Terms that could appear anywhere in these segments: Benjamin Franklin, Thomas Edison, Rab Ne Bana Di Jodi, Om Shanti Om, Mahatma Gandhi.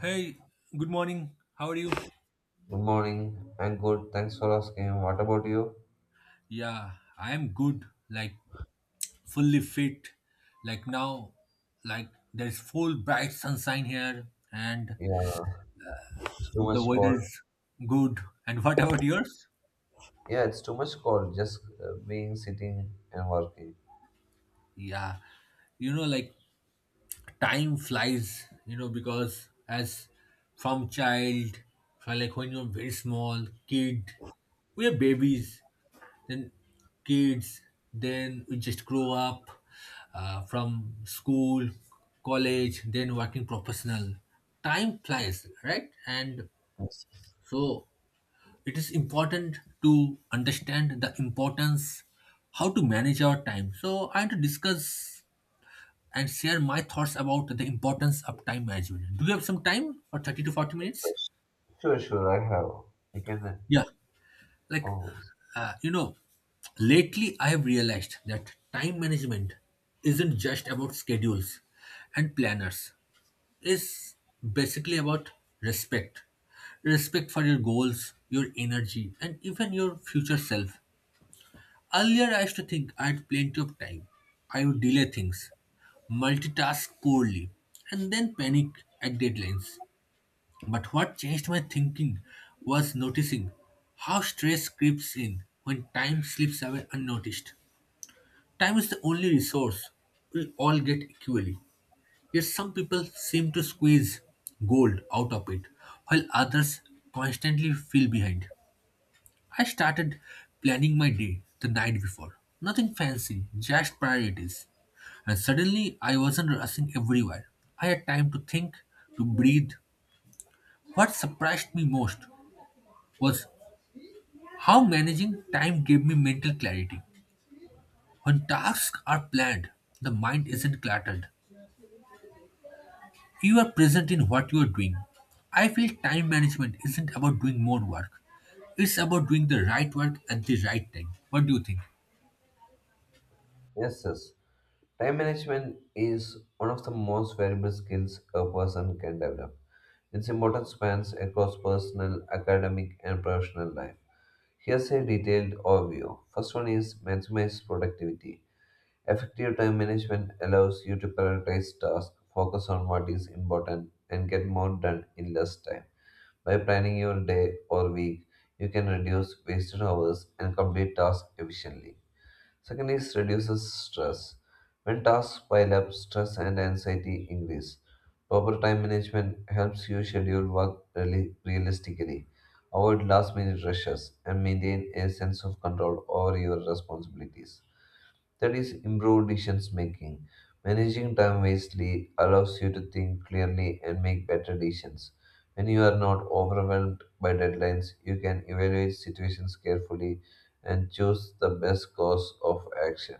Hey, good morning. How are you? Good morning. I'm good. Thanks for asking. What about you? Yeah, I am good, like fully fit. Like now, like there's full bright sunshine here and Yeah, it's too the much weather cold. is good. And what about yours? Yeah, it's too much cold. Just being sitting and working. Yeah, like time flies, because as from child, from like when you're very small, kid, we are babies then kids, then we just grow up from school, college, then working professional. Time flies, right? And Yes. so it is important to understand the importance how to manage our time. So I want to discuss and share my thoughts about the importance of time management. Do you have some time for 30 to 40 minutes? Yes. Sure, sure. I have. I can Yeah. Like, always. uh, you know, lately I have realized that time management isn't just about schedules and planners. It's basically about respect. Respect for your goals, your energy, and even your future self. Earlier, I used to think I had plenty of time. I would delay things, multitask poorly, and then panic at deadlines. But what changed my thinking was noticing how stress creeps in when time slips away unnoticed. Time is the only resource we all get equally. Yet some people seem to squeeze gold out of it, while others constantly feel behind. I started planning my day the night before. Nothing fancy, just priorities. And suddenly I wasn't rushing everywhere. I had time to think, to breathe. What surprised me most was how managing time gave me mental clarity. When tasks are planned, the mind isn't cluttered. You are present in what you are doing. I feel time management isn't about doing more work. It's about doing the right work at the right time. What do you think? Yes, yes. Time management is one of the most valuable skills a person can develop. Its importance spans across personal, academic, and professional life. Here's a detailed overview. First one is maximize productivity. Effective time management allows you to prioritize tasks, focus on what is important, and get more done in less time. By planning your day or week, you can reduce wasted hours and complete tasks efficiently. Second is reduces stress. When tasks pile up, stress and anxiety increase. Proper time management helps you schedule work realistically, avoid last minute rushes, and maintain a sense of control over your responsibilities. That is improved decision making. Managing time wisely allows you to think clearly and make better decisions. When you are not overwhelmed by deadlines, you can evaluate situations carefully and choose the best course of action.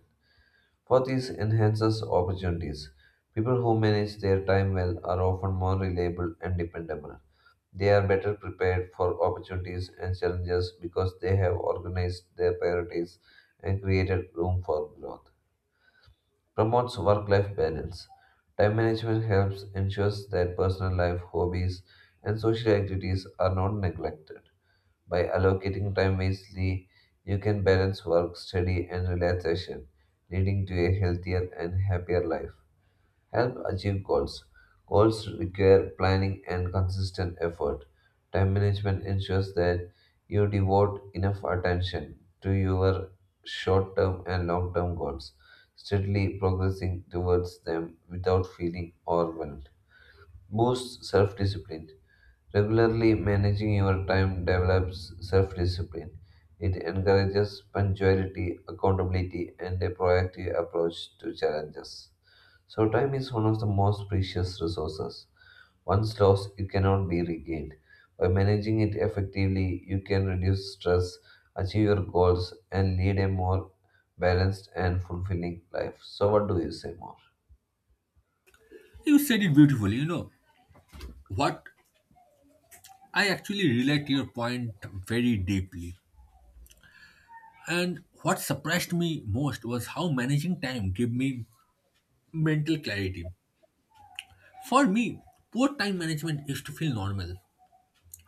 Fourth is enhances opportunities. People who manage their time well are often more reliable and dependable. They are better prepared for opportunities and challenges because they have organized their priorities and created room for growth promotes work life balance. Time management helps ensures that personal life, hobbies, and social activities are not neglected. By allocating time wisely, you can balance work, study, and relaxation, leading to a healthier and happier life. Help achieve goals. Goals require planning and consistent effort. Time management ensures that you devote enough attention to your short term and long term goals, steadily progressing towards them without feeling overwhelmed. Boosts self discipline. Regularly managing your time develops self discipline. It encourages punctuality, accountability, and a proactive approach to challenges. So, time is one of the most precious resources. Once lost, it cannot be regained. By managing it effectively, you can reduce stress, achieve your goals, and lead a more balanced and fulfilling life. So, what do you say more? You said it beautifully. What I actually relate to your point very deeply. And what surprised me most was how managing time gave me mental clarity. For me, poor time management used to feel normal.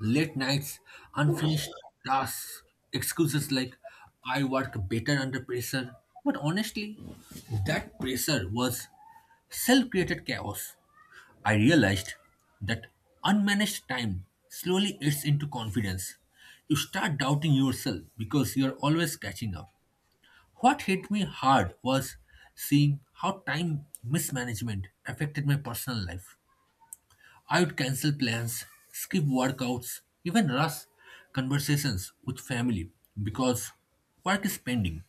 Late nights, unfinished tasks, excuses like I work better under pressure. But honestly, that pressure was self created chaos. I realized that unmanaged time slowly eats into confidence. You start doubting yourself because you are always catching up. What hit me hard was seeing how time mismanagement affected my personal life. I would cancel plans, skip workouts, even rush conversations with family because work is pending.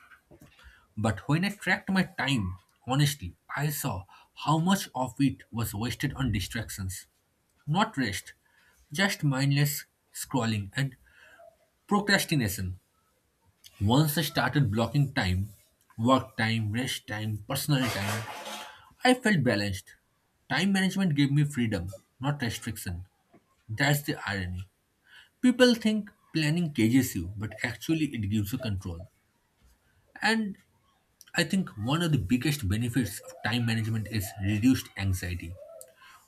But when I tracked my time, honestly, I saw how much of it was wasted on distractions. Not rest, just mindless scrolling and procrastination. Once I started blocking time, work time, rest time, personal time, I felt balanced. Time management gave me freedom, not restriction. That's the irony. People think planning cages you, but actually it gives you control. And I think one of the biggest benefits of time management is reduced anxiety.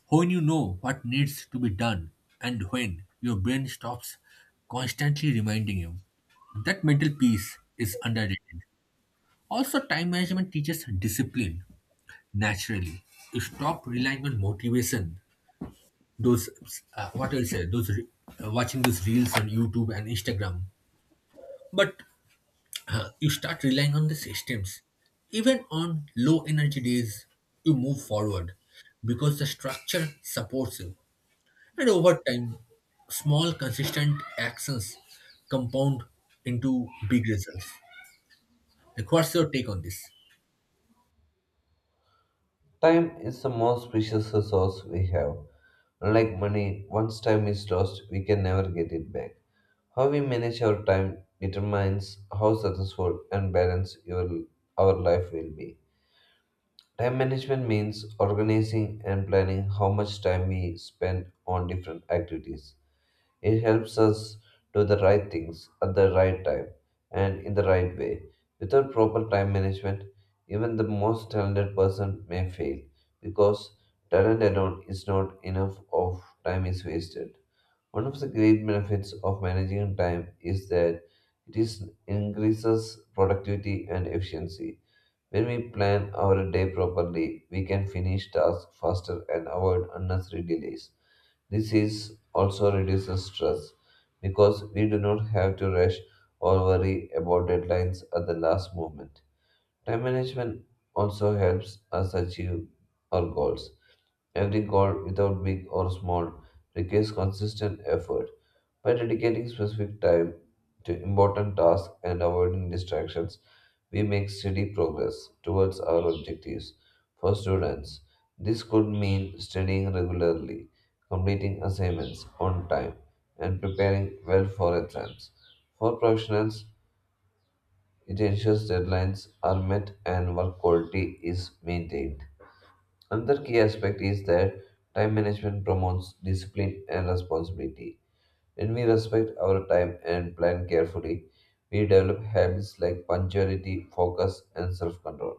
When you know what needs to be done and when, your brain stops constantly reminding you. That mental peace is underrated. Also, time management teaches discipline naturally. You stop relying on motivation. Those, what I'll say, those re- watching those reels on YouTube and Instagram. But you start relying on the systems. Even on low energy days, you move forward because the structure supports you. And over time, small consistent actions compound into big results. Like, what's your take on this? Time is the most precious resource we have. Unlike money, once time is lost, we can never get it back. How we manage our time determines how successful and balanced your, our life will be. Time management means organizing and planning how much time we spend on different activities. It helps us do the right things at the right time and in the right way. Without proper time management, even the most talented person may fail because talent alone is not enough of time is wasted. One of the great benefits of managing time is that it is increases productivity and efficiency when we plan our day properly, we can finish tasks faster and avoid unnecessary delays. This is also reduces stress because we do not have to rush or worry about deadlines at the last moment. Time management also helps us achieve our goals. Every goal, without big or small, requires consistent effort. By dedicating specific time to important tasks and avoiding distractions, we make steady progress towards our objectives. For students, this could mean studying regularly, completing assignments on time, and preparing well for exams. For professionals, it ensures deadlines are met and work quality is maintained. Another key aspect is that time management promotes discipline and responsibility. When we respect our time and plan carefully, we develop habits like punctuality, focus, and self control.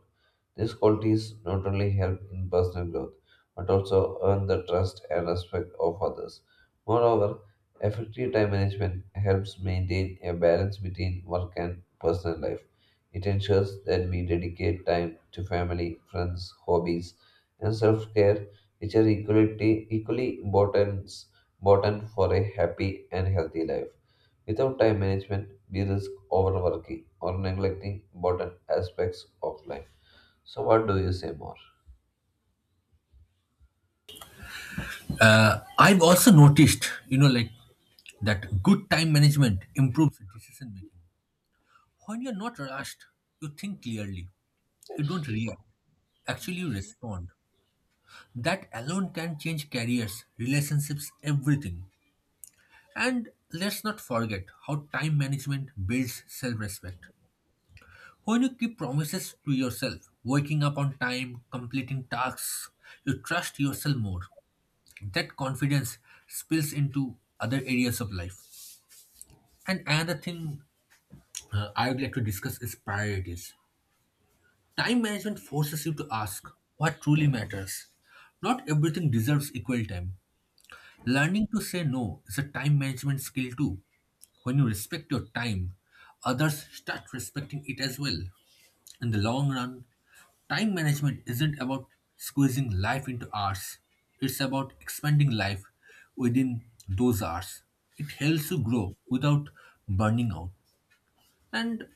These qualities not only help in personal growth, but also earn the trust and respect of others. Moreover, effective time management helps maintain a balance between work and personal life. It ensures that we dedicate time to family, friends, hobbies, and self care, which are equally important important for a happy and healthy life. Without time management, we risk overworking or neglecting important aspects of life. So, what do you say more? I've also noticed, like that good time management improves decision making. When you're not rushed, you think clearly, you don't react, actually, you respond. That alone can change careers, relationships, everything. And let's not forget how time management builds self respect. When you keep promises to yourself, waking up on time, completing tasks, you trust yourself more. That confidence spills into other areas of life. And another thing I would like to discuss is priorities. Time management forces you to ask what truly matters. Not everything deserves equal time. Learning to say no is a time management skill too. When you respect your time, others start respecting it as well. In the long run, time management isn't about squeezing life into hours, it's about expanding life within those hours. It helps you grow without burning out. And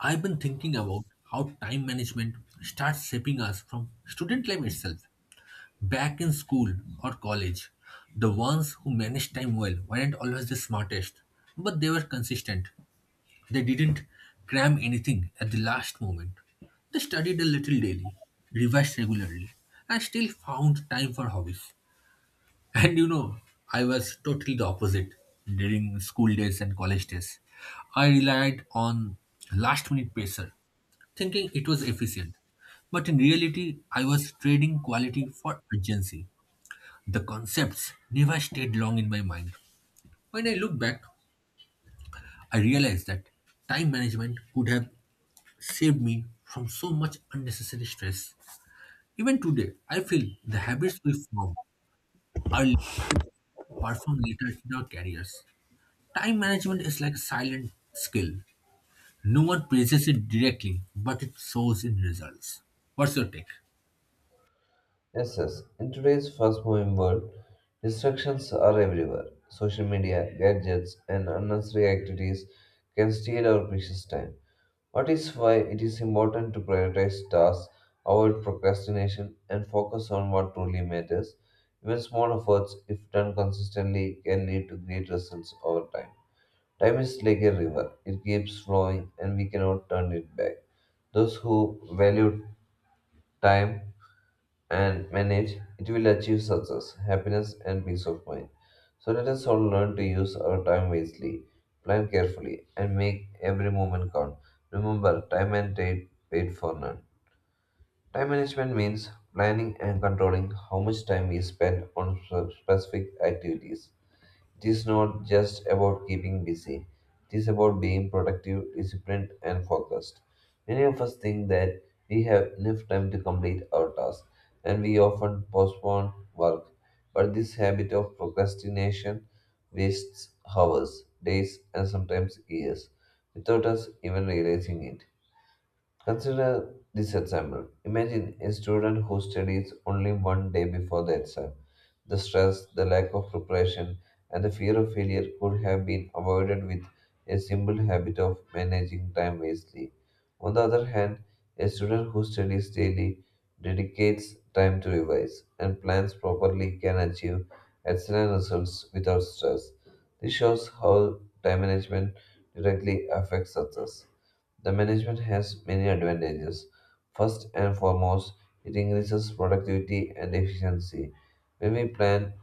I've been thinking about how time management starts shaping us from student life itself. Back in school or college, the ones who managed time well weren't always the smartest, but they were consistent. They didn't cram anything at the last moment. They studied a little daily, revised regularly, and still found time for hobbies. And I was totally the opposite during school days and college days. I relied on last minute pacer, thinking it was efficient. But in reality, I was trading quality for urgency. The concepts never stayed long in my mind. When I look back, I realize that time management could have saved me from so much unnecessary stress. Even today, I feel the habits we form are lessons we perform later in our careers. Time management is like a silent skill. No one praises it directly, but it shows in results. What's your take? Yes, yes. In today's fast moving world, distractions are everywhere. Social media, gadgets, and unnecessary activities can steal our precious time. What is why it is important to prioritize tasks, avoid procrastination, and focus on what truly matters. Even small efforts, if done consistently, can lead to great results over time. Time is like a river, it keeps flowing, and we cannot turn it back. Those who value time and manage, it will achieve success, happiness, and peace of mind. So let us all learn to use our time wisely, plan carefully, and make every moment count. Remember, time and date paid for none. Time management means planning and controlling how much time we spend on specific activities it is not just about keeping busy, it is about being productive, disciplined, and focused. Many of us think that we have enough time to complete our tasks, and we often postpone work. But this habit of procrastination wastes hours, days, and sometimes years without us even realizing it. Consider this example. Imagine a student who studies only one day before the exam. The stress, the lack of preparation, and the fear of failure could have been avoided with a simple habit of managing time wisely. On the other hand, a student who studies daily, dedicates time to revise, and plans properly can achieve excellent results without stress. This shows how time management directly affects success. The management has many advantages. First and foremost, it increases productivity and efficiency. When we plan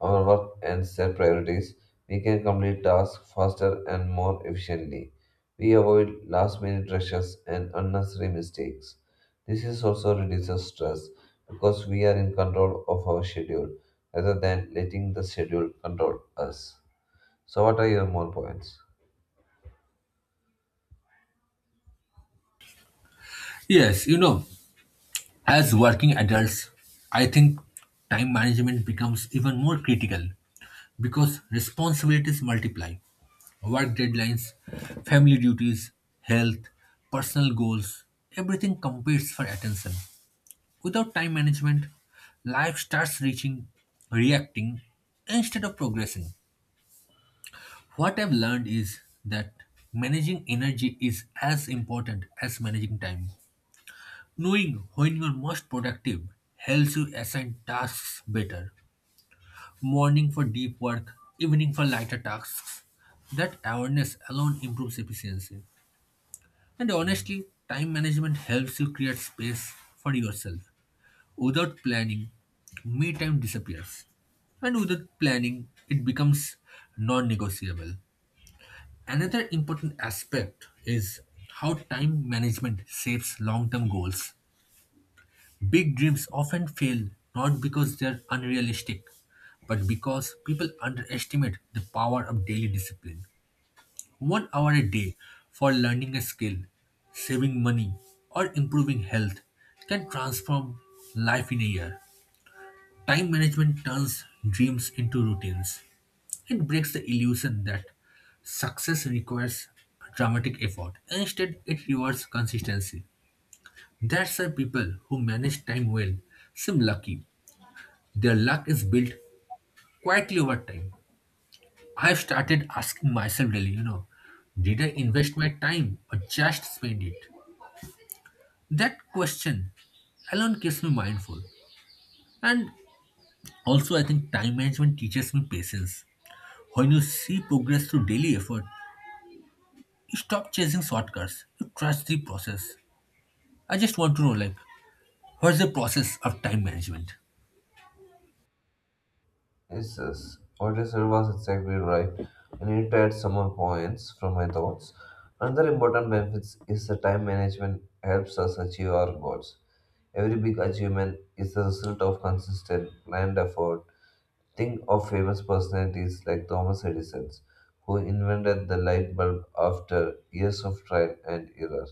our work and set priorities, we can complete tasks faster and more efficiently. We avoid last minute rushes and unnecessary mistakes. This is also reduces stress because we are in control of our schedule rather than letting the schedule control us. So, what are your more points? Yes, as working adults, I think time management becomes even more critical because responsibilities multiply work deadlines, family duties, health, personal goals, everything competes for attention. Without time management, life starts reacting, instead of progressing. What I've learned is that managing energy is as important as managing time. Knowing when you're most productive helps you assign tasks better morning for deep work, evening for lighter tasks. That awareness alone improves efficiency. And honestly, time management helps you create space for yourself. Without planning, me time disappears. And without planning, it becomes non negotiable. Another important aspect is how time management shapes long term goals. Big dreams often fail not because they're unrealistic, but because people underestimate the power of daily discipline. 1 hour a day for learning a skill, saving money, or improving health can transform life in a year. Time management turns dreams into routines. It breaks the illusion that success requires dramatic effort. Instead, it rewards consistency. That's why people who manage time well seem lucky. Their luck is built quietly over time. I've started asking myself daily, did I invest my time or just spend it? That question alone keeps me mindful. And also, I think time management teaches me patience. When you see progress through daily effort, you stop chasing shortcuts. You trust the process. I just want to know, like, what's the process of time management? Yes, yes. What you said was exactly right. I need to add some more points from my thoughts. Another important benefit is the time management helps us achieve our goals. Every big achievement is the result of consistent, planned effort. Think of famous personalities like Thomas Edison, who invented the light bulb after years of trial and error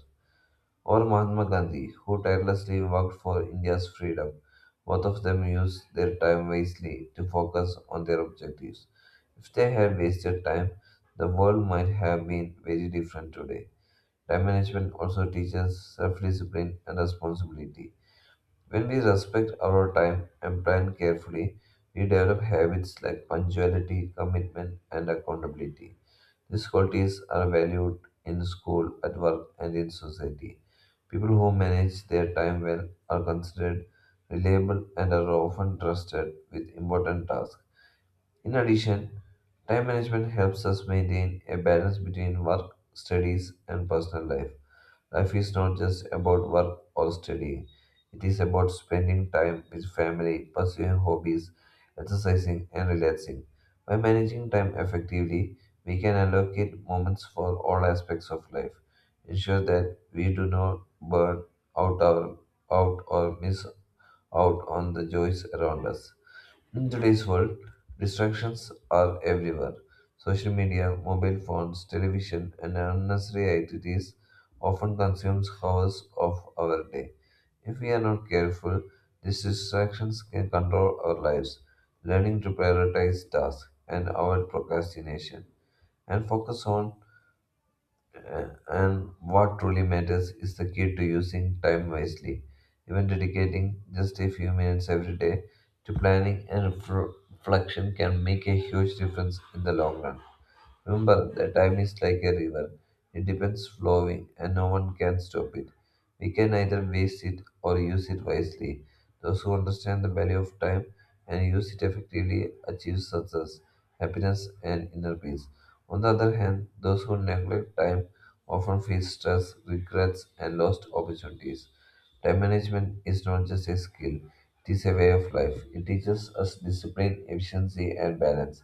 or Mahatma Gandhi, who tirelessly worked for India's freedom. Both of them used their time wisely to focus on their objectives. If they had wasted time, the world might have been very different today. Time management also teaches self discipline and responsibility. When we respect our time and plan carefully, we develop habits like punctuality, commitment, and accountability. These qualities are valued in school, at work, and in society. People who manage their time well are considered reliable and are often trusted with important tasks. In addition, time management helps us maintain a balance between work, studies, and personal life. Life is not just about work or study. It is about spending time with family, pursuing hobbies, exercising, and relaxing. By managing time effectively, we can allocate moments for all aspects of life, ensure that we do not burn out, our, out or miss out on the joys around us. In today's world, distractions are everywhere. Social media, mobile phones, television, and unnecessary activities often consumes hours of our day. If we are not careful, these distractions can control our lives, learning to prioritize tasks and avoid procrastination and focus on and what truly matters is the key to using time wisely, even dedicating just a few minutes every day to planning and reflection can make a huge difference in the long run. Remember that time is like a river. It depends flowing and no one can stop it. We can either waste it or use it wisely. Those who understand the value of time and use it effectively achieve success, happiness and inner peace. On the other hand, those who neglect time often face stress, regrets and lost opportunities. Time management is not just a skill, it is a way of life. It teaches us discipline, efficiency, and balance.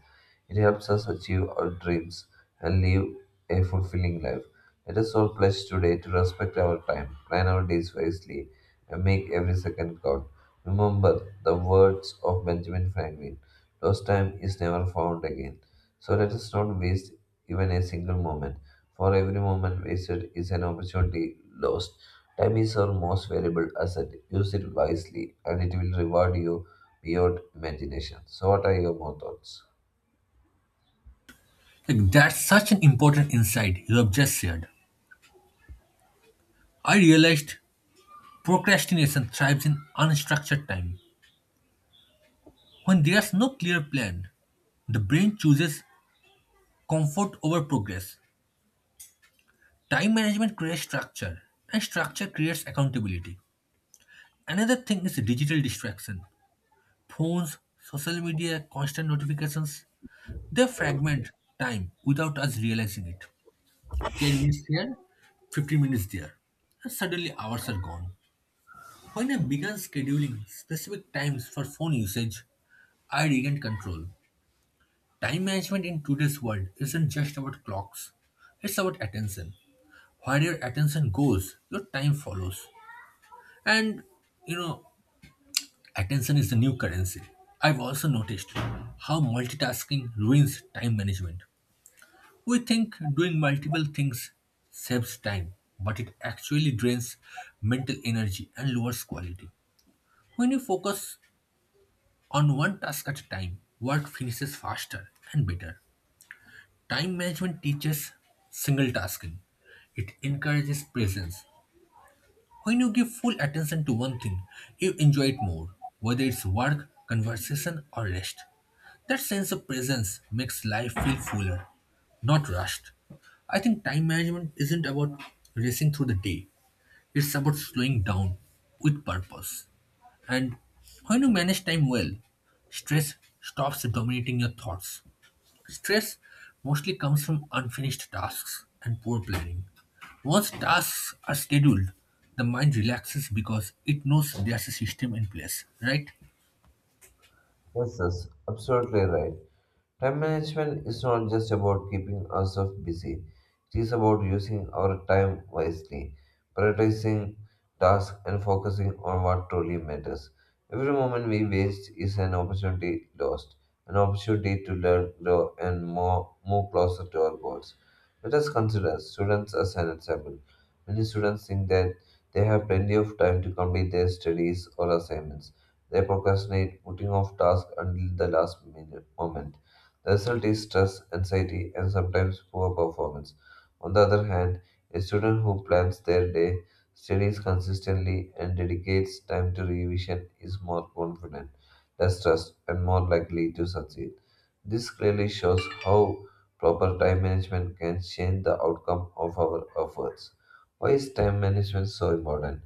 It helps us achieve our dreams and live a fulfilling life. Let us all pledge today to respect our time, plan our days wisely, and make every second count. Remember the words of Benjamin Franklin Lost time is never found again. So let us not waste even a single moment, for every moment wasted is an opportunity lost. Time is our most valuable asset. Use it wisely, and it will reward you beyond imagination. So, what are your more thoughts? Like, that's such an important insight you have just shared. I realized procrastination thrives in unstructured time. When there's no clear plan, the brain chooses comfort over progress. Time management creates structure, and structure creates accountability. Another thing is digital distraction. Phones, social media, constant notifications, they fragment time without us realizing it. 10 minutes here, 15 minutes there, and suddenly hours are gone. When I began scheduling specific times for phone usage, I regained control. Time management in today's world isn't just about clocks, it's about attention. Where your attention goes, your time follows. And you know, attention is the new currency. I've also noticed how multitasking ruins time management. We think doing multiple things saves time, but it actually drains mental energy and lowers quality. When you focus on one task at a time, work finishes faster and better. Time management teaches single tasking. It encourages presence. When you give full attention to one thing, you enjoy it more, whether it's work, conversation, or rest. That sense of presence makes life feel fuller, not rushed. I think time management isn't about racing through the day, it's about slowing down with purpose. And when you manage time well, stress stops dominating your thoughts. Stress mostly comes from unfinished tasks and poor planning. Once tasks are scheduled, the mind relaxes because it knows there's a system in place, right? Yes, yes, absolutely right. Time management is not just about keeping ourselves busy, it is about using our time wisely, prioritizing tasks, and focusing on what truly matters. Every moment we waste is an opportunity lost, an opportunity to learn, grow, and more, move closer to our goals. Let us consider students as an example. Many students think that they have plenty of time to complete their studies or assignments. They procrastinate, putting off tasks until the last minute moment. The result is stress, anxiety, and sometimes poor performance. On the other hand, a student who plans their day, studies consistently, and dedicates time to revision is more confident, less stressed, and more likely to succeed. This clearly shows how proper time management can change the outcome of our efforts. Why is time management so important?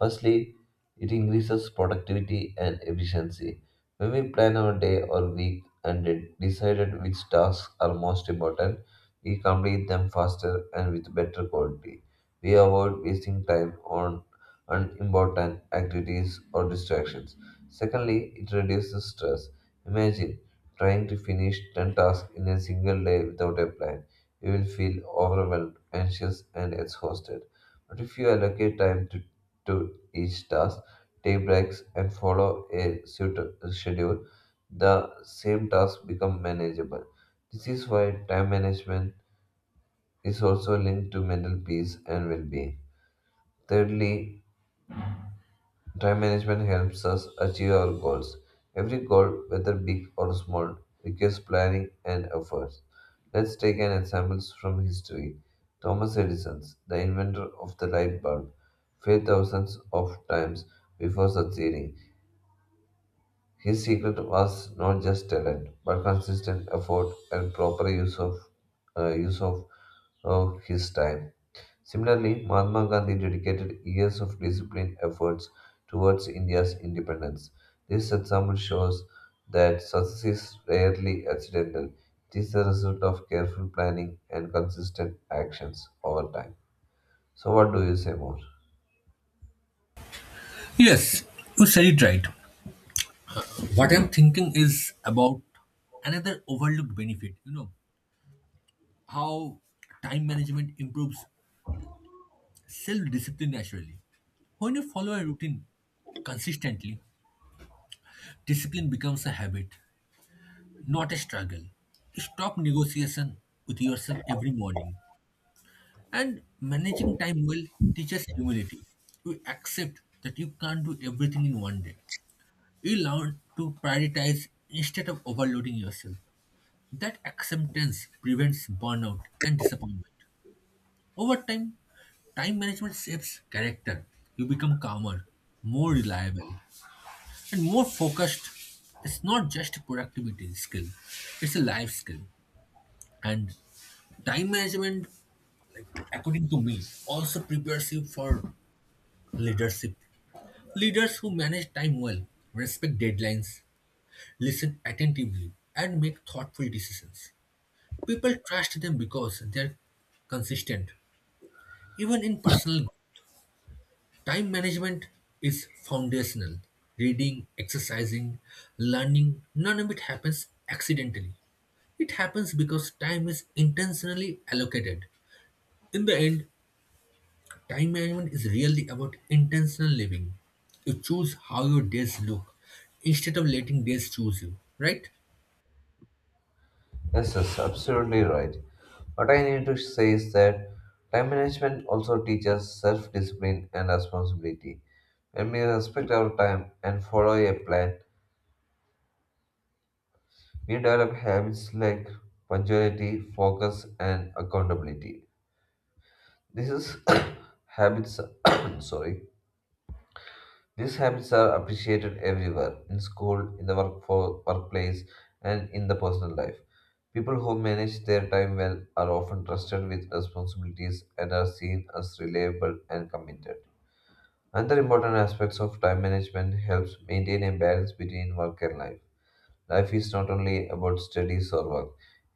Firstly, it increases productivity and efficiency. When we plan our day or week, and decided which tasks are most important, we complete them faster and with better quality. We avoid wasting time on unimportant activities or distractions. Secondly, it reduces stress. Imagine trying to finish 10 tasks in a single day without a plan. You will feel overwhelmed, anxious, and exhausted. But if you allocate to each task, take breaks, and follow a suited schedule, the same task become manageable. This is why time management is also linked to mental peace and well-being. Thirdly, time management helps us achieve our goals. Every goal, whether big or small, requires planning and efforts. Let's take an example from history. Thomas Edison, the inventor of the light bulb, failed thousands of times before succeeding. His secret was not just talent, but consistent effort and proper use of his time. Similarly, Mahatma Gandhi dedicated years of disciplined efforts towards India's independence. This example shows that success is rarely accidental. It is the result of careful planning and consistent actions over time. So, what do you say more? Yes, you said it right. What I'm thinking is about another overlooked benefit, how time management improves self discipline naturally. When you follow a routine consistently, discipline becomes a habit, not a struggle. Stop negotiation with yourself every morning. And managing time well teaches humility. You accept that you can't do everything in one day. You learn to prioritize instead of overloading yourself. That acceptance prevents burnout and disappointment. Over time, time management shapes character. You become calmer, more reliable, and more focused. It's not just a productivity skill, it's a life skill. And time management, according to me, also prepares you for leadership. Leaders who manage time well, respect deadlines, listen attentively, and make thoughtful decisions. People trust them because they're consistent. Even in personal growth, time management is foundational. Reading, exercising, learning, none of it happens accidentally. It happens because time is intentionally allocated. In the end, time management is really about intentional living. You choose how your days look instead of letting days choose you, right? Yes, yes, absolutely right. What I need to say is that time management also teaches self discipline and responsibility. When we respect our time and follow a plan, we develop habits like punctuality, focus, and accountability. These is habits, sorry, these habits are appreciated everywhere in school, in the workplace, and in the personal life. People who manage their time well are often trusted with responsibilities and are seen as reliable and committed. Another important aspect of time management helps maintain a balance between work and life. Life is not only about studies or work,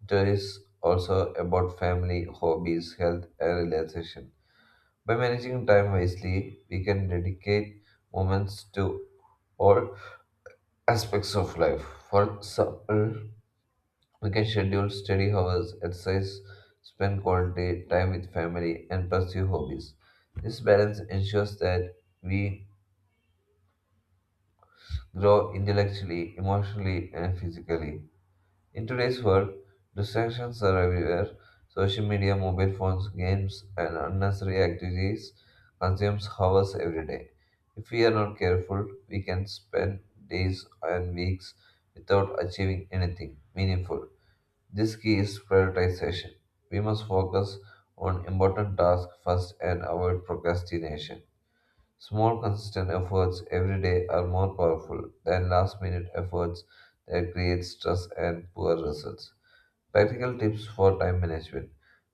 it is also about family, hobbies, health, and relaxation. By managing time wisely, we can dedicate moments to all aspects of life. For example, we can schedule study hours, exercise, spend quality time with family, and pursue hobbies. This balance ensures that we grow intellectually, emotionally, and physically. In today's world, distractions are everywhere. Social media, mobile phones, games, and unnecessary activities consumes hours every day. If we are not careful, we can spend days and weeks without achieving anything meaningful. This key is prioritization. We must focus on important tasks first and avoid procrastination. Small, consistent efforts every day are more powerful than last minute efforts that create stress and poor results. Practical tips for time management.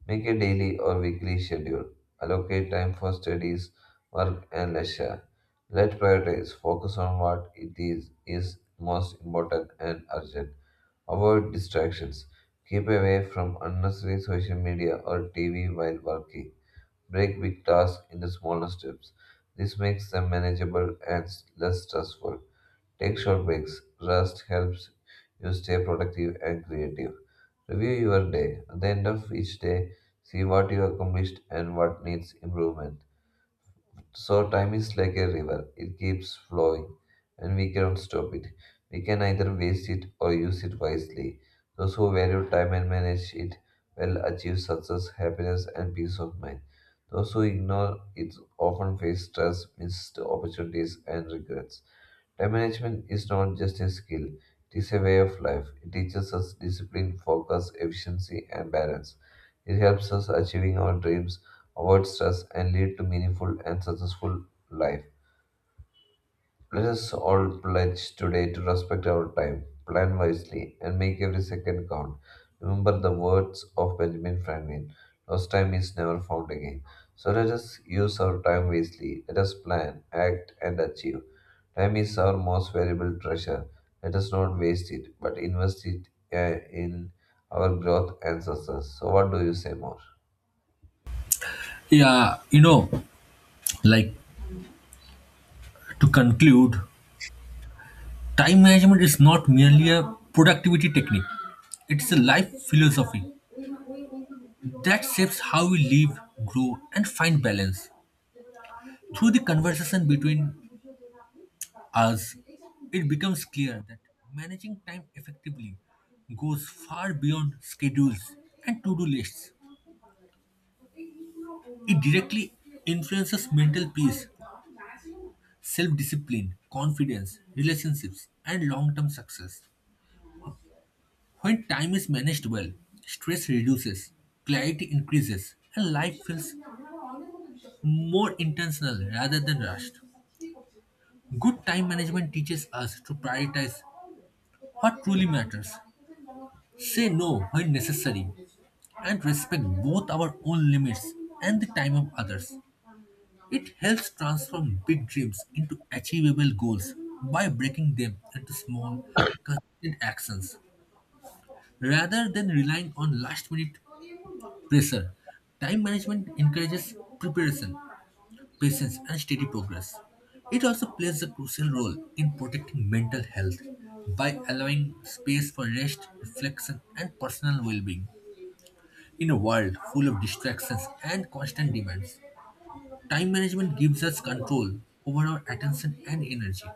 Make a daily or weekly schedule. Allocate time for studies, work, and leisure. Let priorities focus on is most important and urgent. Avoid distractions. Keep away from unnecessary social media or TV while working. Break big tasks into smaller steps. This makes them manageable and less stressful. Take short breaks. Rest helps you stay productive and creative. Review your day. At the end of each day, see what you accomplished and what needs improvement. So time is like a river. It keeps flowing and we cannot stop it. We can either waste it or use it wisely. Those who value time and manage it will achieve success, happiness and peace of mind. Those who ignore it often face stress, missed opportunities and regrets. Time management is not just a skill, it is a way of life. It teaches us discipline, focus, efficiency, and balance. It helps us achieving our dreams avoid stress, and lead to meaningful and successful life. Let us all pledge today to respect our time, plan wisely, and make every second count. Remember the words of Benjamin Franklin: lost time is never found again. So let us use our time wisely. Let us plan, act, and achieve. Time is our most valuable treasure. Let us not waste it, but invest it in our growth and success. So, what do you say more? Yeah, like to conclude, time management is not merely a productivity technique, it's a life philosophy that shapes how we live, grow, and find balance. Through the conversation between us, it becomes clear that managing time effectively goes far beyond schedules and to do lists. It directly influences mental peace, self discipline, confidence, relationships, and long term success. When time is managed well, stress reduces, clarity increases, and life feels more intentional rather than rushed. Good time management teaches us to prioritize what truly matters, say no when necessary, and respect both our own limits and the time of others. It helps transform big dreams into achievable goals by breaking them into small, consistent actions. Rather than relying on last minute pressure, time management encourages preparation, patience, and steady progress. It also plays a crucial role in protecting mental health by allowing space for rest, reflection, and personal well being in a world full of distractions and constant demands. Time management gives us control over our attention and energy.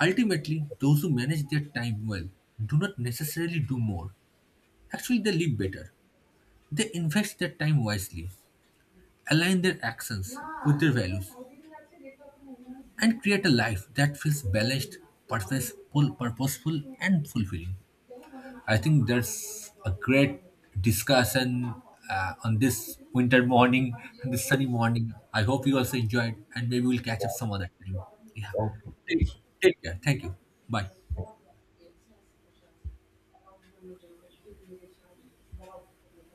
Ultimately, those who manage their time well do not necessarily do more. Actually, they live better. They invest their time wisely, align their actions with their values, and create a life that feels balanced, purpose- purposeful, and fulfilling. I think there's a great discussion on this winter morning, this sunny morning. I hope you also enjoyed, and maybe we'll catch up some other time. Yeah. Okay. Take, take care. Thank you. Bye.